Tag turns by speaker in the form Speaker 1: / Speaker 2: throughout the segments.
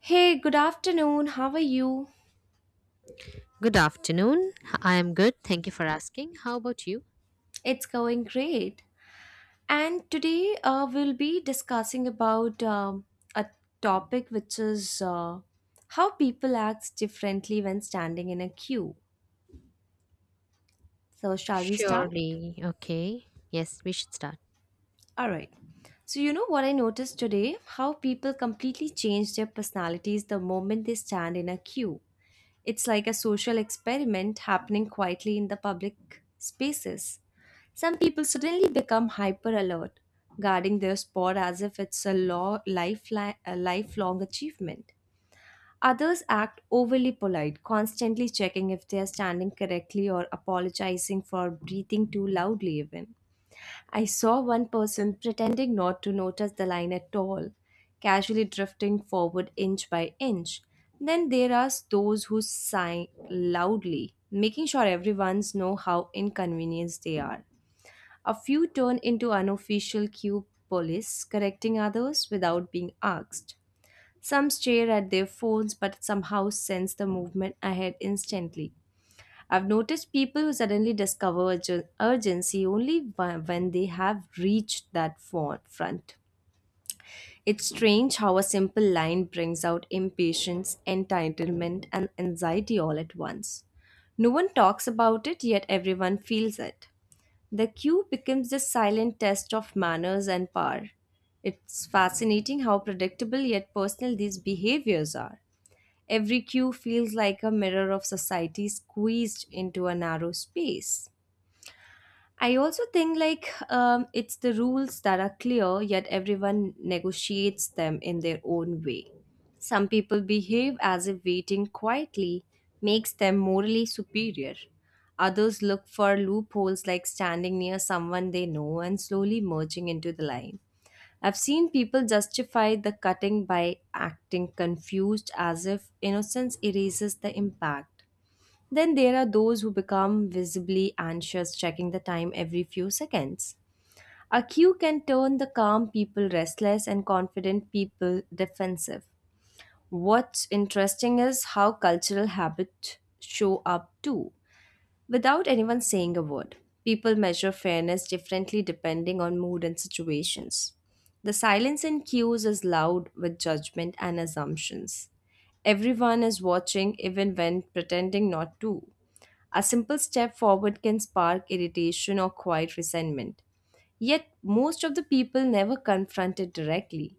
Speaker 1: Hey, good afternoon. How are you?
Speaker 2: Good afternoon. I am good. Thank you for asking. How about you?
Speaker 1: It's going great. And today we'll be discussing about a topic which is how people act differently when standing in a queue. So, shall we start?
Speaker 2: Surely. Okay. Yes, we should start.
Speaker 1: All right. So, you know what I noticed today? How people completely change their personalities the moment they stand in a queue. It's like a social experiment happening quietly in the public spaces. Some people suddenly become hyper alert, guarding their spot as if it's a, law, lifeline, a lifelong achievement. Others act overly polite, constantly checking if they are standing correctly or apologizing for breathing too loudly, even. I saw one person pretending not to notice the line at all, casually drifting forward inch by inch. Then there are those who sigh loudly, making sure everyone's know how inconvenienced they are. A few turn into unofficial queue police, correcting others without being asked. Some stare at their phones but somehow sense the movement ahead instantly. I've noticed people who suddenly discover urgency only when they have reached that front. It's strange how a simple line brings out impatience, entitlement, and anxiety all at once. No one talks about it, yet everyone feels it. The queue becomes the silent test of manners and power. It's fascinating how predictable yet personal these behaviors are. Every queue feels like a mirror of society squeezed into a narrow space. I also think it's the rules that are clear, yet everyone negotiates them in their own way. Some people behave as if waiting quietly makes them morally superior. Others look for loopholes like standing near someone they know and slowly merging into the line. I've seen people justify the cutting by acting confused as if innocence erases the impact. Then there are those who become visibly anxious, checking the time every few seconds. A cue can turn the calm people restless and confident people defensive. What's interesting is how cultural habits show up too without anyone saying a word. People measure fairness differently depending on mood and situations. The silence in queues is loud with judgment and assumptions. Everyone is watching even when pretending not to. A simple step forward can spark irritation or quiet resentment. Yet most of the people never confront it directly.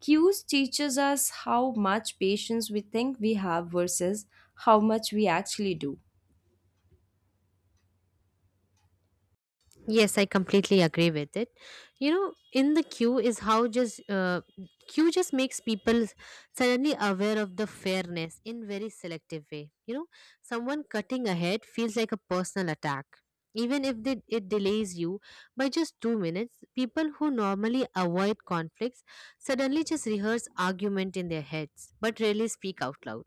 Speaker 1: Queues teaches us how much patience we think we have versus how much we actually do.
Speaker 2: Yes, I completely agree with it. In the queue is how just queue just makes people suddenly aware of the fairness in very selective way. Someone cutting ahead feels like a personal attack. Even if it delays you by just 2 minutes, people who normally avoid conflicts suddenly just rehearse argument in their heads, but rarely speak out loud.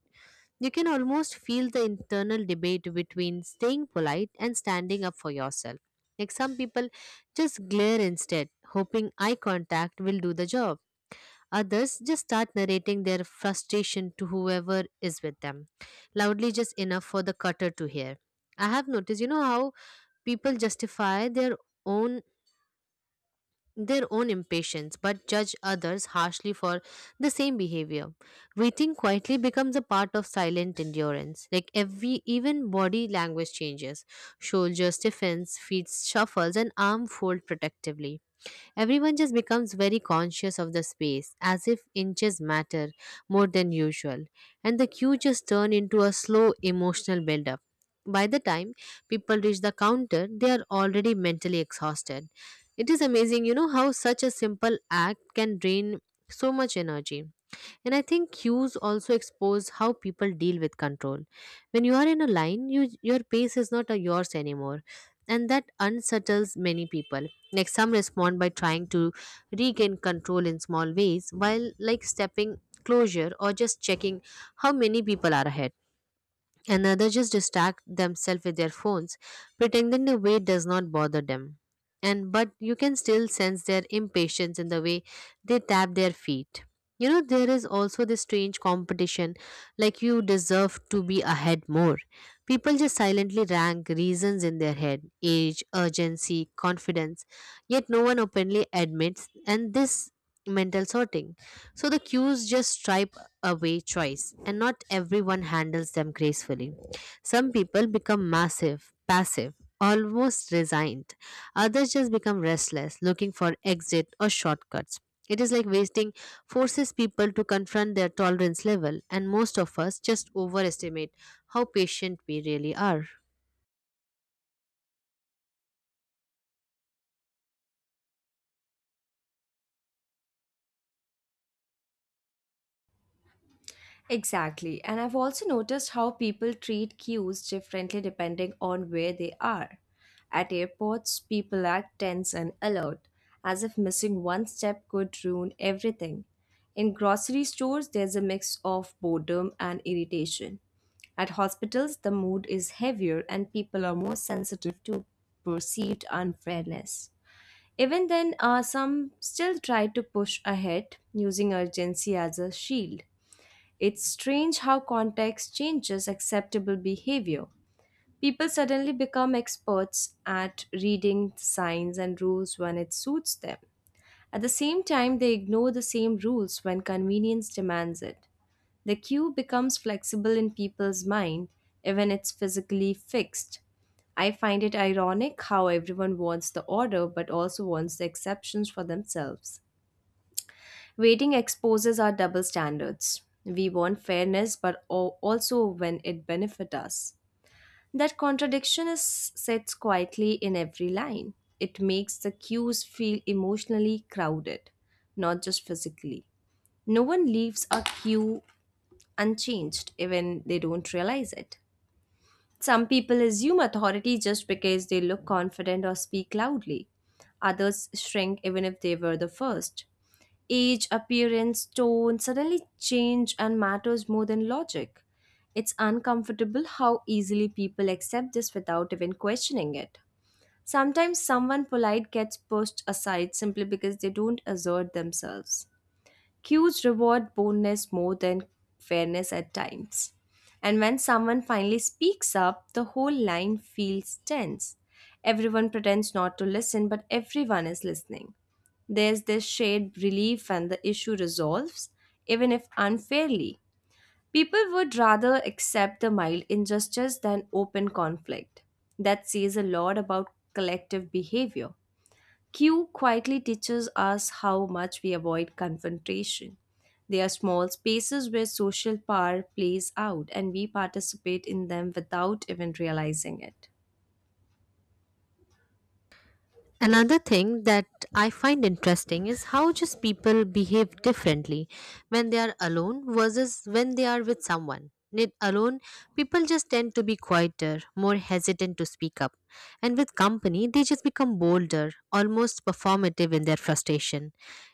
Speaker 2: You can almost feel the internal debate between staying polite and standing up for yourself. Like some people just glare instead, hoping eye contact will do the job. Others just start narrating their frustration to whoever is with them, loudly just enough for the cutter to hear. I have noticed how people justify their own own impatience but judge others harshly for the same behavior. Waiting quietly becomes a part of silent endurance, like every, even body language changes: shoulder stiffens, feet shuffles, and arm fold protectively. Everyone just becomes very conscious of the space, as if inches matter more than usual, and the queue just turn into a slow emotional build-up. By the time people reach the counter, they are already mentally exhausted. It is amazing how such a simple act can drain so much energy. And I think queues also expose how people deal with control. When you are in a line, your pace is not a yours anymore. And that unsettles many people. Like some respond by trying to regain control in small ways, while like stepping closure or just checking how many people are ahead, and others just distract themselves with their phones, pretending the wait does not bother them. And but you can still sense their impatience in the way they tap their feet. There is also this strange competition, like you deserve to be ahead more. People just silently rank reasons in their head: age, urgency, confidence, yet no one openly admits, and this mental sorting. So the cues just stripe away choice, and not everyone handles them gracefully. Some people become passive, almost resigned. Others just become restless, looking for exit or shortcuts. It is like wasting forces people to confront their tolerance level, and most of us just overestimate how patient we really are.
Speaker 1: Exactly. And I've also noticed how people treat queues differently depending on where they are. At airports, people act tense and alert, as if missing one step could ruin everything. In grocery stores, there's a mix of boredom and irritation. At hospitals, the mood is heavier and people are more sensitive to perceived unfairness. Even then, some still try to push ahead using urgency as a shield. It's strange how context changes acceptable behavior. People suddenly become experts at reading signs and rules when it suits them. At the same time, they ignore the same rules when convenience demands it. The cue becomes flexible in people's mind, even it's physically fixed. I find it ironic how everyone wants the order but also wants the exceptions for themselves. Waiting exposes our double standards. We want fairness, but also when it benefits us. That contradiction is sits quietly in every line. It makes the cues feel emotionally crowded, not just physically. No one leaves a cue unchanged, even they don't realize it. Some people assume authority just because they look confident or speak loudly. Others shrink even if they were the first. Age, appearance, tone suddenly change and matters more than logic. It's uncomfortable how easily people accept this without even questioning it. Sometimes someone polite gets pushed aside simply because they don't assert themselves. Cues reward boldness more than fairness at times. And when someone finally speaks up, the whole line feels tense. Everyone pretends not to listen, but everyone is listening. There's this shared relief and the issue resolves, even if unfairly. People would rather accept the mild injustice than open conflict. That says a lot about collective behavior. Q quietly teaches us how much we avoid confrontation. They are small spaces where social power plays out, and we participate in them without even realizing it.
Speaker 2: Another thing that I find interesting is how just people behave differently when they are alone versus when they are with someone. Alone, people just tend to be quieter, more hesitant to speak up. And with company, they just become bolder, almost performative in their frustration.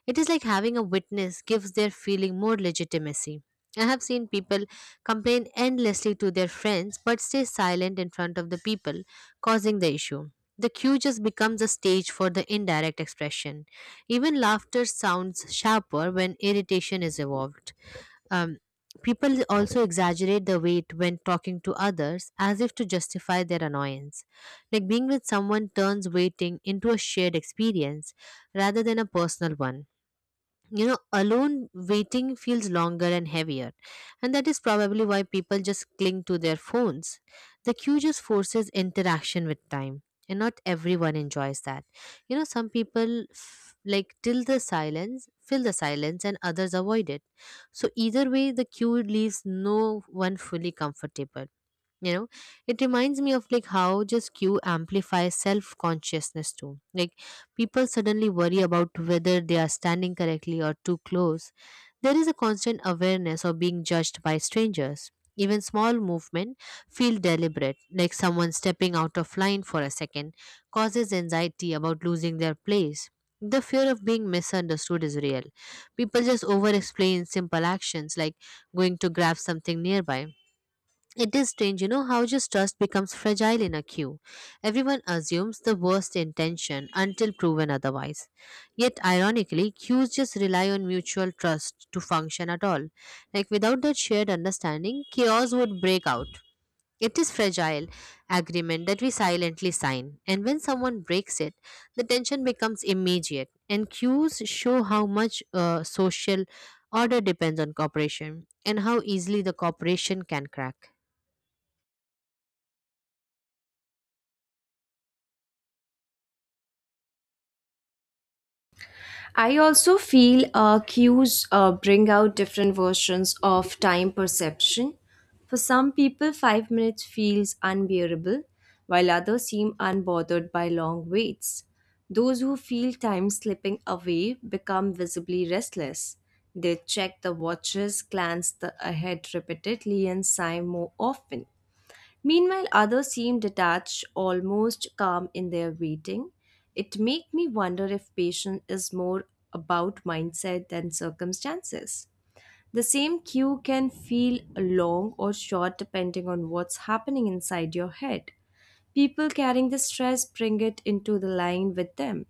Speaker 2: It is like having a witness gives their feeling more legitimacy. I have seen people complain endlessly to their friends but stay silent in front of the people causing the issue. The cue just becomes a stage for the indirect expression. Even laughter sounds sharper when irritation is involved. Um, People also exaggerate the weight when talking to others as if to justify their annoyance. Like being with someone turns waiting into a shared experience rather than a personal one. Alone, waiting feels longer and heavier, and that is probably why people just cling to their phones. The queue just forces interaction with time, and not everyone enjoys that. Some people like till the silence fill the silence, and others avoid it. So either way the queue leaves no one fully comfortable. you know it reminds me of like how just q amplifies self consciousness too. Like people suddenly worry about whether they are standing correctly or too close. There is a constant awareness of being judged by strangers. Even small movement feel deliberate, like someone stepping out of line for a second causes anxiety about losing their place. The fear of being misunderstood is real. People just over explain simple actions like going to grab something nearby. It is strange how just trust becomes fragile in a queue. Everyone assumes the worst intention until proven otherwise. Yet, ironically, queues just rely on mutual trust to function at all. Like, without that shared understanding, chaos would break out. It is fragile agreement that we silently sign, and when someone breaks it, the tension becomes immediate. And queues show how much social order depends on cooperation and how easily the cooperation can crack.
Speaker 1: I also feel cues bring out different versions of time perception. For some people, 5 minutes feels unbearable, while others seem unbothered by long waits. Those who feel time slipping away become visibly restless. They check the watches, glance the ahead repeatedly, and sigh more often. Meanwhile, others seem detached, almost calm in their waiting. It makes me wonder if patience is more about mindset than circumstances. The same queue can feel long or short depending on what's happening inside your head. People carrying the stress bring it into the line with them.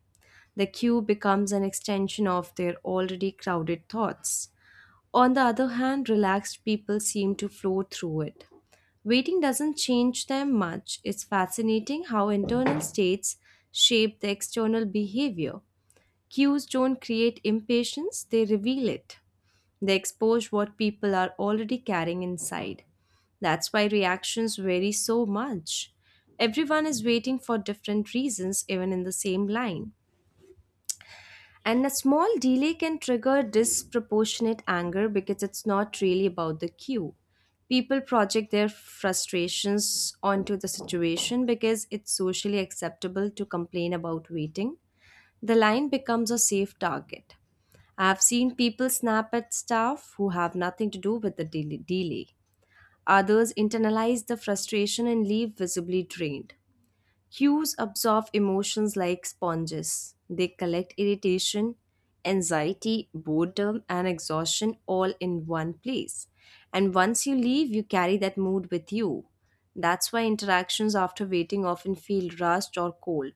Speaker 1: The queue becomes an extension of their already crowded thoughts. On the other hand, relaxed people seem to flow through it. Waiting doesn't change them much. It's fascinating how internal states shape the external behavior. Cues don't create impatience, they reveal it. They expose what people are already carrying inside. That's why reactions vary so much. Everyone is waiting for different reasons, even in the same line. And a small delay can trigger disproportionate anger because it's not really about the cue. People project their frustrations onto the situation because it's socially acceptable to complain about waiting. The line becomes a safe target. I've seen people snap at staff who have nothing to do with the delay. Others internalize the frustration and leave visibly drained. Cues absorb emotions like sponges. They collect irritation, anxiety, boredom, and exhaustion all in one place. And once you leave, you carry that mood with you. That's why interactions after waiting often feel rushed or cold.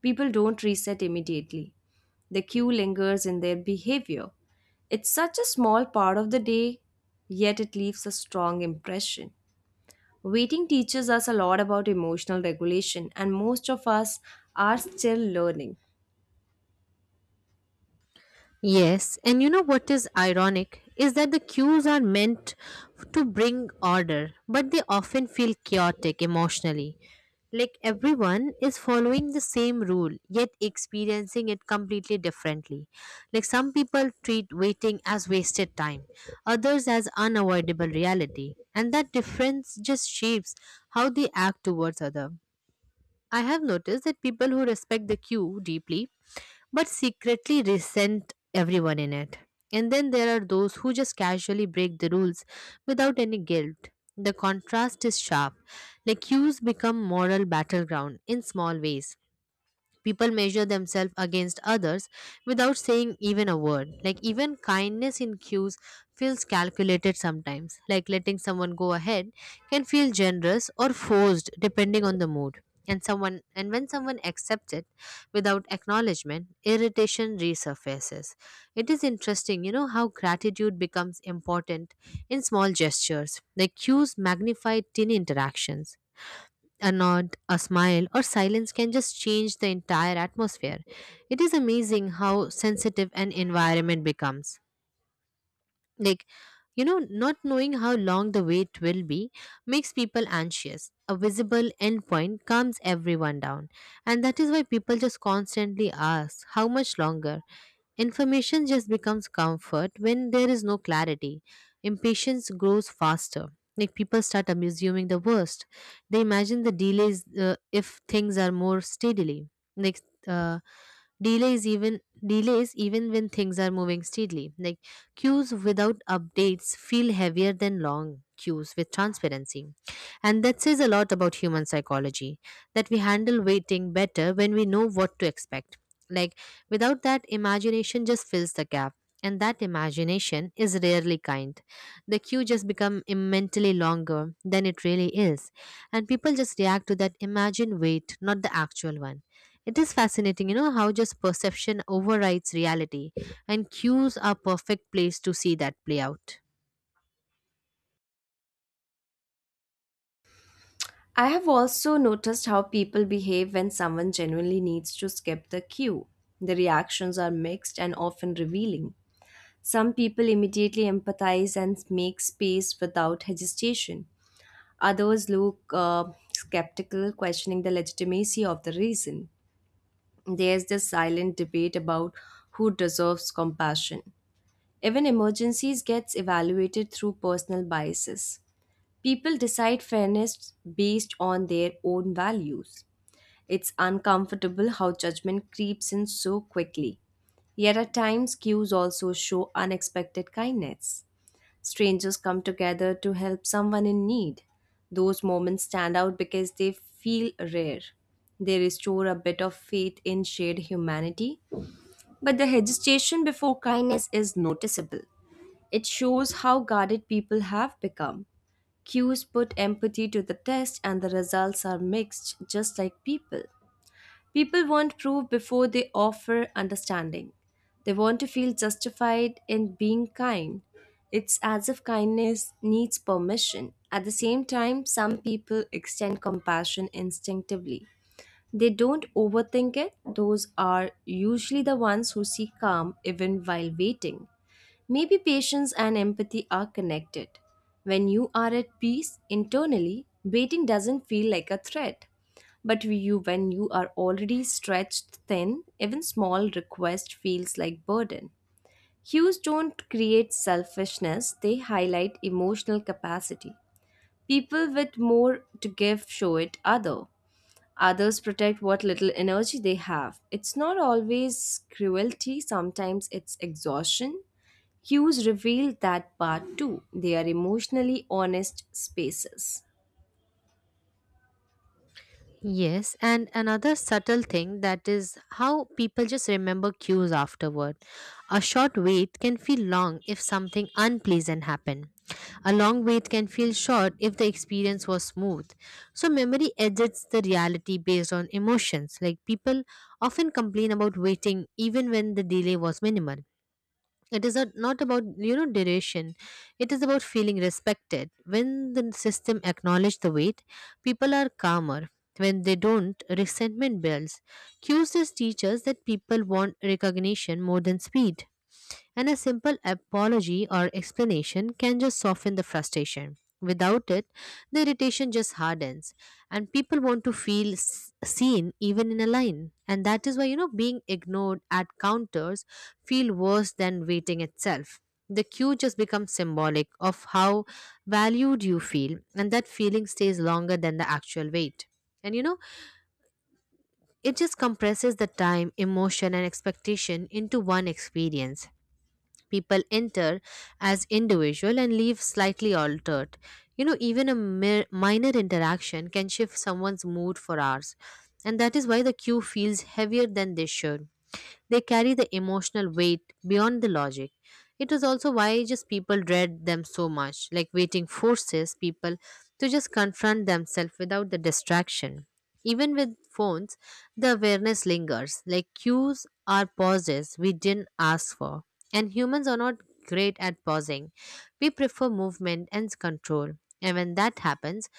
Speaker 1: People don't reset immediately. The cue lingers in their behavior. It's such a small part of the day, yet it leaves a strong impression. Waiting teaches us a lot about emotional regulation, and most of us are still learning.
Speaker 2: Yes, and what is ironic is that the cues are meant to bring order, but they often feel chaotic emotionally. Like everyone is following the same rule, yet experiencing it completely differently. Like some people treat waiting as wasted time, others as unavoidable reality, and that difference just shapes how they act towards other. I have noticed that people who respect the queue deeply but secretly resent everyone in it. And then there are those who just casually break the rules without any guilt. The contrast is sharp. Like queues become moral battleground in small ways. People measure themselves against others without saying even a word. Like even kindness in cues feels calculated sometimes, like letting someone go ahead can feel generous or forced depending on the mood. And someone and when someone accepts it without acknowledgement, irritation resurfaces. It is interesting how gratitude becomes important in small gestures. Like cues magnify tiny interactions. A nod, a smile, or silence can just change the entire atmosphere. It is amazing how sensitive an environment becomes. Like, not knowing how long the wait will be makes people anxious. A visible endpoint calms everyone down. And that is why people just constantly ask, How much longer? Information just becomes comfort when there is no clarity. Impatience grows faster. Like people start assuming the worst. They imagine the delays if things are more steadily. Like uh, delays even delays even when things are moving steadily. Like queues without updates feel heavier than long queues with transparency, and that says a lot about human psychology, that we handle waiting better when we know what to expect. Like without that, imagination just fills the gap, and that imagination is rarely kind. The queue just become mentally longer than it really is, and people just react to that imagined wait, not the actual one. It is fascinating how just perception overrides reality, and cues are perfect place to see that play out.
Speaker 1: I have also noticed how people behave when someone genuinely needs to skip the queue. The reactions are mixed and often revealing. Some people immediately empathize and make space without hesitation. Others look skeptical, questioning the legitimacy of the reason. There's this silent debate about who deserves compassion. Even emergencies gets evaluated through personal biases. People decide fairness based on their own values. It's uncomfortable how judgment creeps in so quickly. Yet at times queues also show unexpected kindness. Strangers come together to help someone in need. Those moments stand out because they feel rare. They restore a bit of faith in shared humanity, but the hesitation before kindness is noticeable. It shows how guarded people have become. Cues put empathy to the test, and the results are mixed, just like people. People want proof before they offer understanding. They want to feel justified in being kind. It's as if kindness needs permission. At the same time, some people extend compassion instinctively. They don't overthink it. Those are usually the ones who seek calm even while waiting. Maybe patience and empathy are connected. When you are at peace internally, waiting doesn't feel like a threat. But you, when you are already stretched thin, even small request feels like burden. Hues don't create selfishness, they highlight emotional capacity. People with more to give show it other. Others protect what little energy they have. It's not always cruelty, sometimes it's exhaustion, Cues reveal that part too. They are emotionally honest spaces.
Speaker 2: Yes, and another subtle thing that is how people just remember cues afterward. A short wait can feel long if something unpleasant happened. A long wait can feel short if the experience was smooth. So, memory edits the reality based on emotions. Like, people often complain about waiting even when the delay was minimal. It is not about duration. It is about feeling respected. When the system acknowledge the weight, people are calmer. When they don't, resentment builds. Qcs teaches that people want recognition more than speed, and a simple apology or explanation can just soften the frustration. Without it, the irritation just hardens, and people want to feel seen even in a line. And that is why being ignored at counters feel worse than waiting itself. The queue just becomes symbolic of how valued you feel, and that feeling stays longer than the actual wait. And it just compresses the time, emotion, and expectation into one experience. People enter as individual and leave slightly altered. Even a mere, minor interaction can shift someone's mood for hours, and that is why the queue feels heavier than they should. They carry the emotional weight beyond the logic. It is also why just people dread them so much, like waiting forces people to just confront themselves without the distraction. Even with phones, the awareness lingers, like cues are pauses we didn't ask for. And humans are not great at pausing. We prefer movement and control. And when that happens,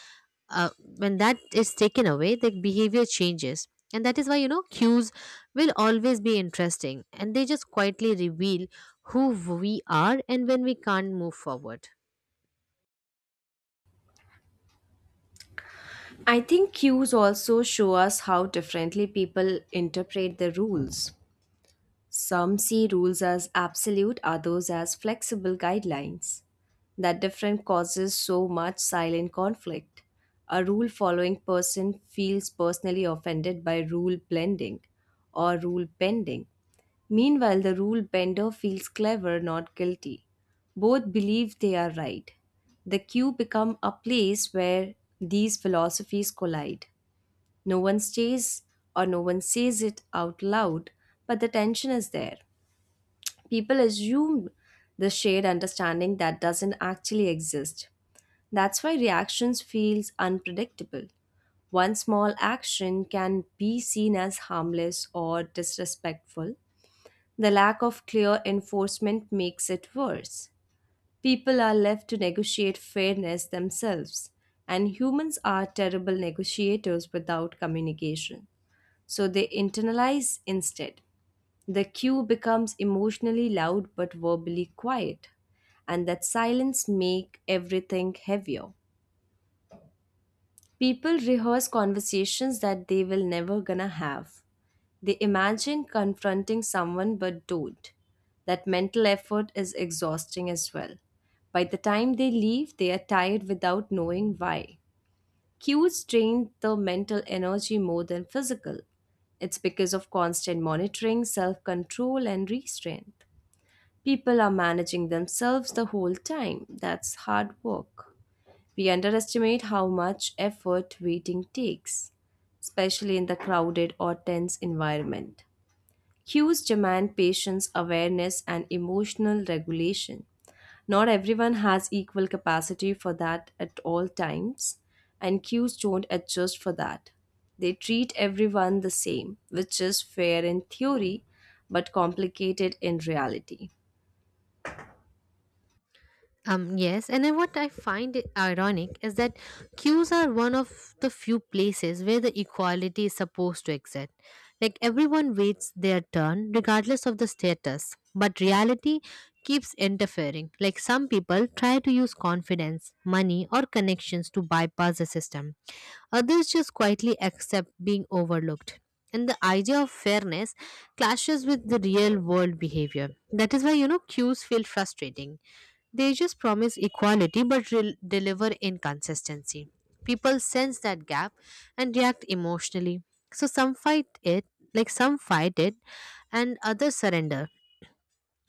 Speaker 2: uh, when that is taken away, the behavior changes. And that is why cues will always be interesting, and they just quietly reveal who we are and when we can't move forward.
Speaker 1: I think cues also show us how differently people interpret the rules. Some see rules as absolute, others as flexible guidelines. That difference causes so much silent conflict. A rule following person feels personally offended by rule blending or rule bending. Meanwhile, the rule bender feels clever, not guilty. Both believe they are right. The queue become a place where these philosophies collide. No one stays no one says it out loud, but the tension is there. People assume the shared understanding that doesn't actually exist. That's why reactions feels unpredictable. One small action can be seen as harmless or disrespectful, the lack of clear enforcement makes it worse. People are left to negotiate fairness themselves, and humans are terrible negotiators without communication. So they internalize instead. The cue becomes emotionally loud but verbally quiet, and that silence make everything heavier. People rehearse conversations that they will never gonna have. They imagine confronting someone but don't. That mental effort is exhausting as well. By the time they leave, they are tired without knowing why. Cues drain the mental energy more than physical. It's because of constant monitoring, self control, and restraint. People are managing themselves the whole time. That's hard work. We underestimate how much effort waiting takes, especially in the crowded or tense environment. Cues demand patience, awareness, and emotional regulation. Not everyone has equal capacity for that at all times, and cues don't adjust for that. They treat everyone the same, which is fair in theory but complicated in reality.
Speaker 2: Yes, and then what I find it ironic is that queues are one of the few places where the equality is supposed to exist. Like everyone waits their turn regardless of the status, but reality keeps interfering. Like some people try to use confidence, money, or connections to bypass the system, others just quietly accept being overlooked. And the idea of fairness clashes with the real world behavior. That is why queues feel frustrating. They just promise equality but deliver inconsistency. People sense that gap and react emotionally. So some fight it, like some fight it, and others surrender.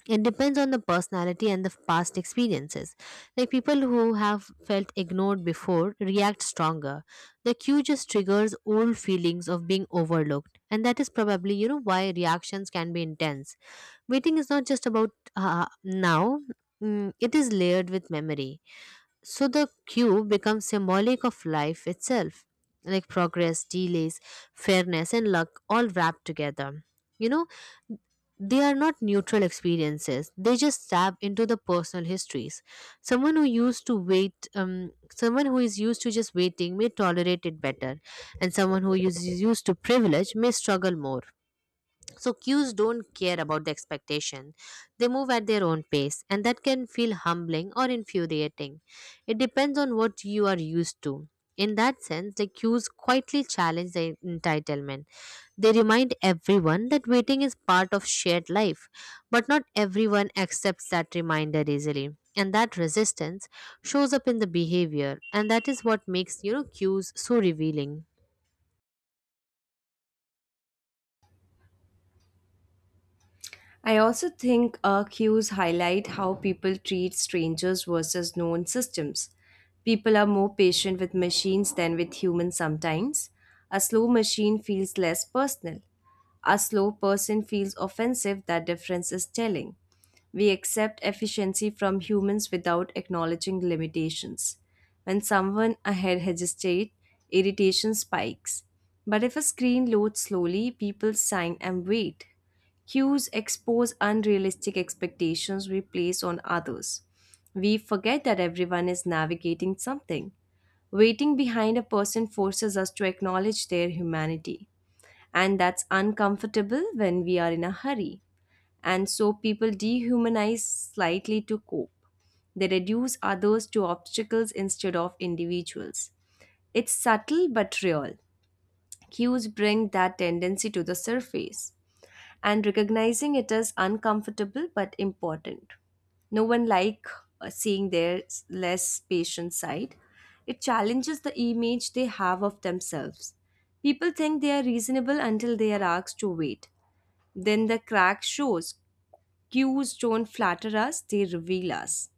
Speaker 2: It depends on the personality and the past experiences, like people who have felt ignored before react stronger. The cue just triggers old feelings of being overlooked, and that is probably why reactions can be intense. Waiting is not just about now it is layered with memory, so the cube becomes symbolic of life itself, like progress, delays, fairness, and luck all wrapped together. You know, they are not neutral experiences, they just tap into the personal histories. Someone who used to wait, someone who is used to just waiting may tolerate it better, and someone who is used to privilege may struggle more. So cues don't care about the expectation. They move at their own pace, and that can feel humbling or infuriating. It depends on what you are used to. In that sense, the cues quietly challenge the entitlement. They remind everyone that waiting is part of shared life, but not everyone accepts that reminder easily. And that resistance shows up in the behavior, and that is what makes cues so revealing.
Speaker 1: I also think cues highlight how people treat strangers versus known systems. People are more patient with machines than with humans sometimes. A slow machine feels less personal. A slow person feels offensive, that difference is telling. We accept efficiency from humans without acknowledging limitations. When someone ahead hesitates, irritation spikes. But if a screen loads slowly, people sign and wait. Cues expose unrealistic expectations we place on others. We forget that everyone is navigating something. Waiting behind a person forces us to acknowledge their humanity, and that's uncomfortable when we are in a hurry. And so people dehumanize slightly to cope. They reduce others to obstacles instead of individuals. It's subtle but real. Cues bring that tendency to the surface and recognizing it as uncomfortable but important. No one like seeing their less patient side. It challenges the image they have of themselves. People think they are reasonable until they are asked to wait. Then the crack shows. Cues don't flatter us, they reveal us.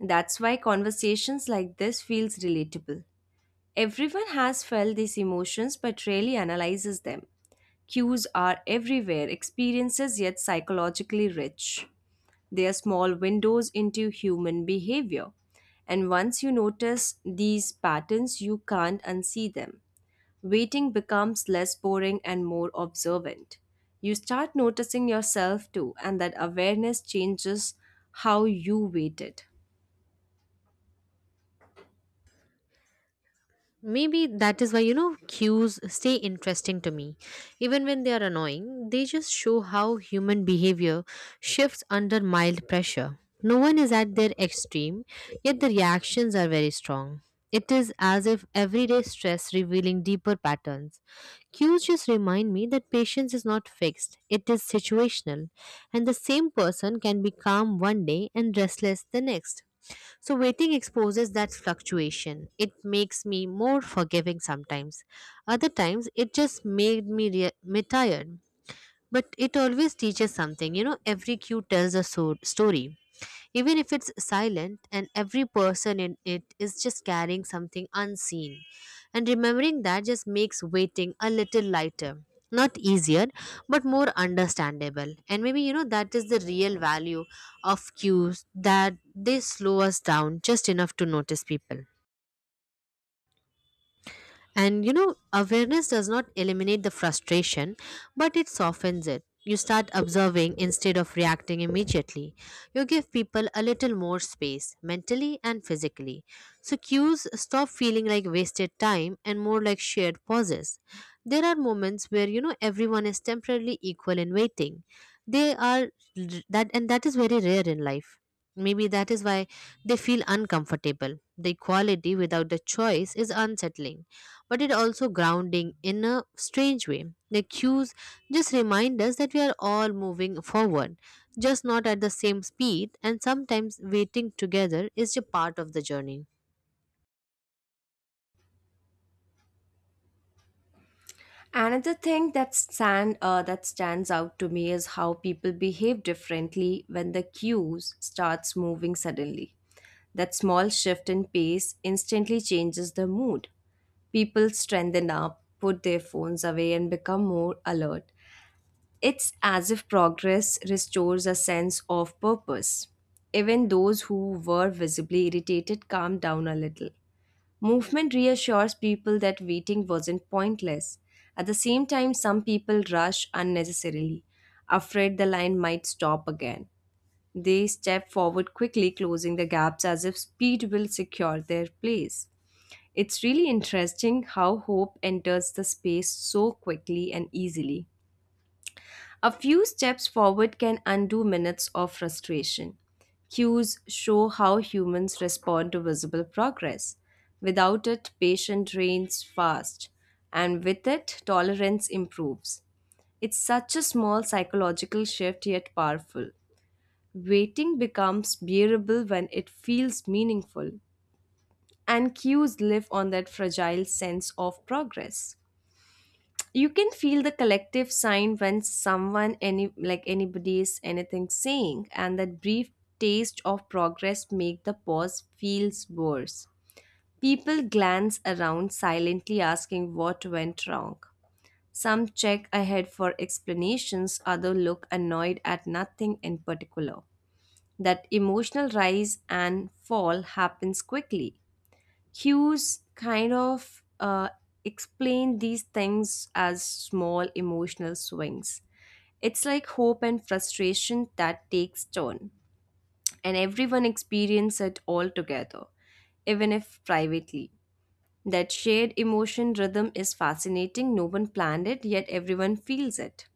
Speaker 1: That's why conversations like this feels relatable. Everyone has felt these emotions but rarely analyzes them. Cues are everywhere, experiences yet psychologically rich. They are small windows into human behavior. And once you notice these patterns, you can't unsee them. Waiting becomes less boring and more observant. You start noticing yourself too, and that awareness changes how you waited.
Speaker 2: Maybe that is why, cues stay interesting to me. Even when they are annoying, they just show how human behavior shifts under mild pressure. No one is at their extreme, yet the reactions are very strong. It is as if everyday stress revealing deeper patterns. Cues just remind me that patience is not fixed, it is situational, and the same person can be calm one day and restless the next. So waiting exposes that fluctuation. It makes me more forgiving sometimes. Other times, it just made me tired. But it always teaches something. Every cue tells a story. Even if it's silent, and every person in it is just carrying something unseen. And remembering that just makes waiting a little lighter. Not easier, but more understandable. And maybe, that is the real value of cues, that they slow us down just enough to notice people. And awareness does not eliminate the frustration, but it softens it. You start observing instead of reacting immediately. You give people a little more space, mentally and physically. So cues stop feeling like wasted time and more like shared pauses. There are moments where everyone is temporarily equal in waiting. They are that, and that is very rare in life. Maybe that is why they feel uncomfortable. The equality without the choice is unsettling, but it also grounding in a strange way. The cues just remind us that we are all moving forward, just not at the same speed, and sometimes waiting together is a part of the journey.
Speaker 1: Another thing that stands out to me is how people behave differently when the cues starts moving suddenly. That small shift in pace instantly changes the mood. People strengthen up, put their phones away, and become more alert. It's as if progress restores a sense of purpose. Even those who were visibly irritated calmed down a little. Movement reassures people that waiting wasn't pointless. At the same time, some people rush unnecessarily, afraid the line might stop again. They step forward quickly, closing the gaps as if speed will secure their place. It's really interesting how hope enters the space so quickly and easily. A few steps forward can undo minutes of frustration. Cues show how humans respond to visible progress. Without it, patience drains fast, and with it, tolerance improves. It's such a small psychological shift yet powerful. Waiting becomes bearable when it feels meaningful, and cues live on that fragile sense of progress. You can feel the collective sign when someone, any like anybody, is anything saying, and that brief taste of progress make the pause feels worse. People glance around silently, asking what went wrong. Some check ahead for explanations, others look annoyed at nothing in particular, that emotional rise and fall happens quickly. Hughes explained these things as small emotional swings. It's like hope and frustration that takes turn, and everyone experiences it all together, even if privately. That shared emotion rhythm is fascinating. No one planned it, yet everyone feels it.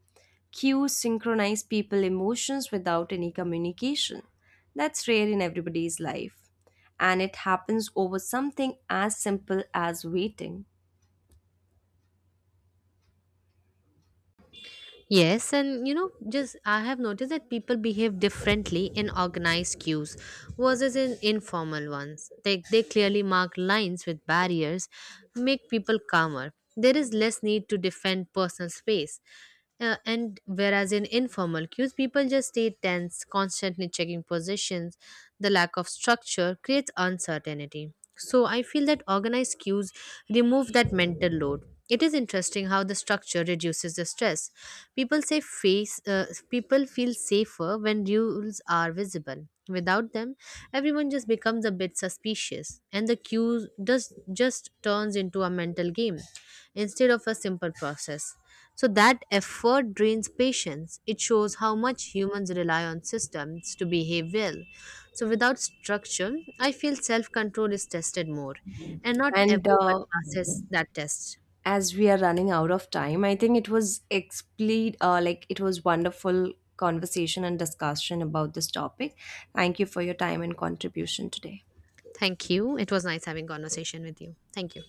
Speaker 1: Cues synchronize people emotions without any communication. That's rare in everybody's life, and it happens over something as simple as waiting.
Speaker 2: Yes, and just I have noticed that people behave differently in organized queues versus in informal ones. They clearly mark lines with barriers, make people calmer. There is less need to defend personal space. And whereas in informal queues, people just stay tense, constantly checking positions. The lack of structure creates uncertainty. So I feel that organized queues remove that mental load. It is interesting how the structure reduces the stress. People feel safer when rules are visible. Without them, everyone just becomes a bit suspicious, and the queue does just turns into a mental game instead of a simple process. So that effort drains patience. It shows how much humans rely on systems to behave well. So without structure, I feel self-control is tested more, and not
Speaker 1: And
Speaker 2: everyone passes that test.
Speaker 1: as we are running out of time, I think it was like it was wonderful conversation and discussion about this topic. Thank you for your time and contribution today.
Speaker 2: Thank you. It was nice having conversation with you. Thank you.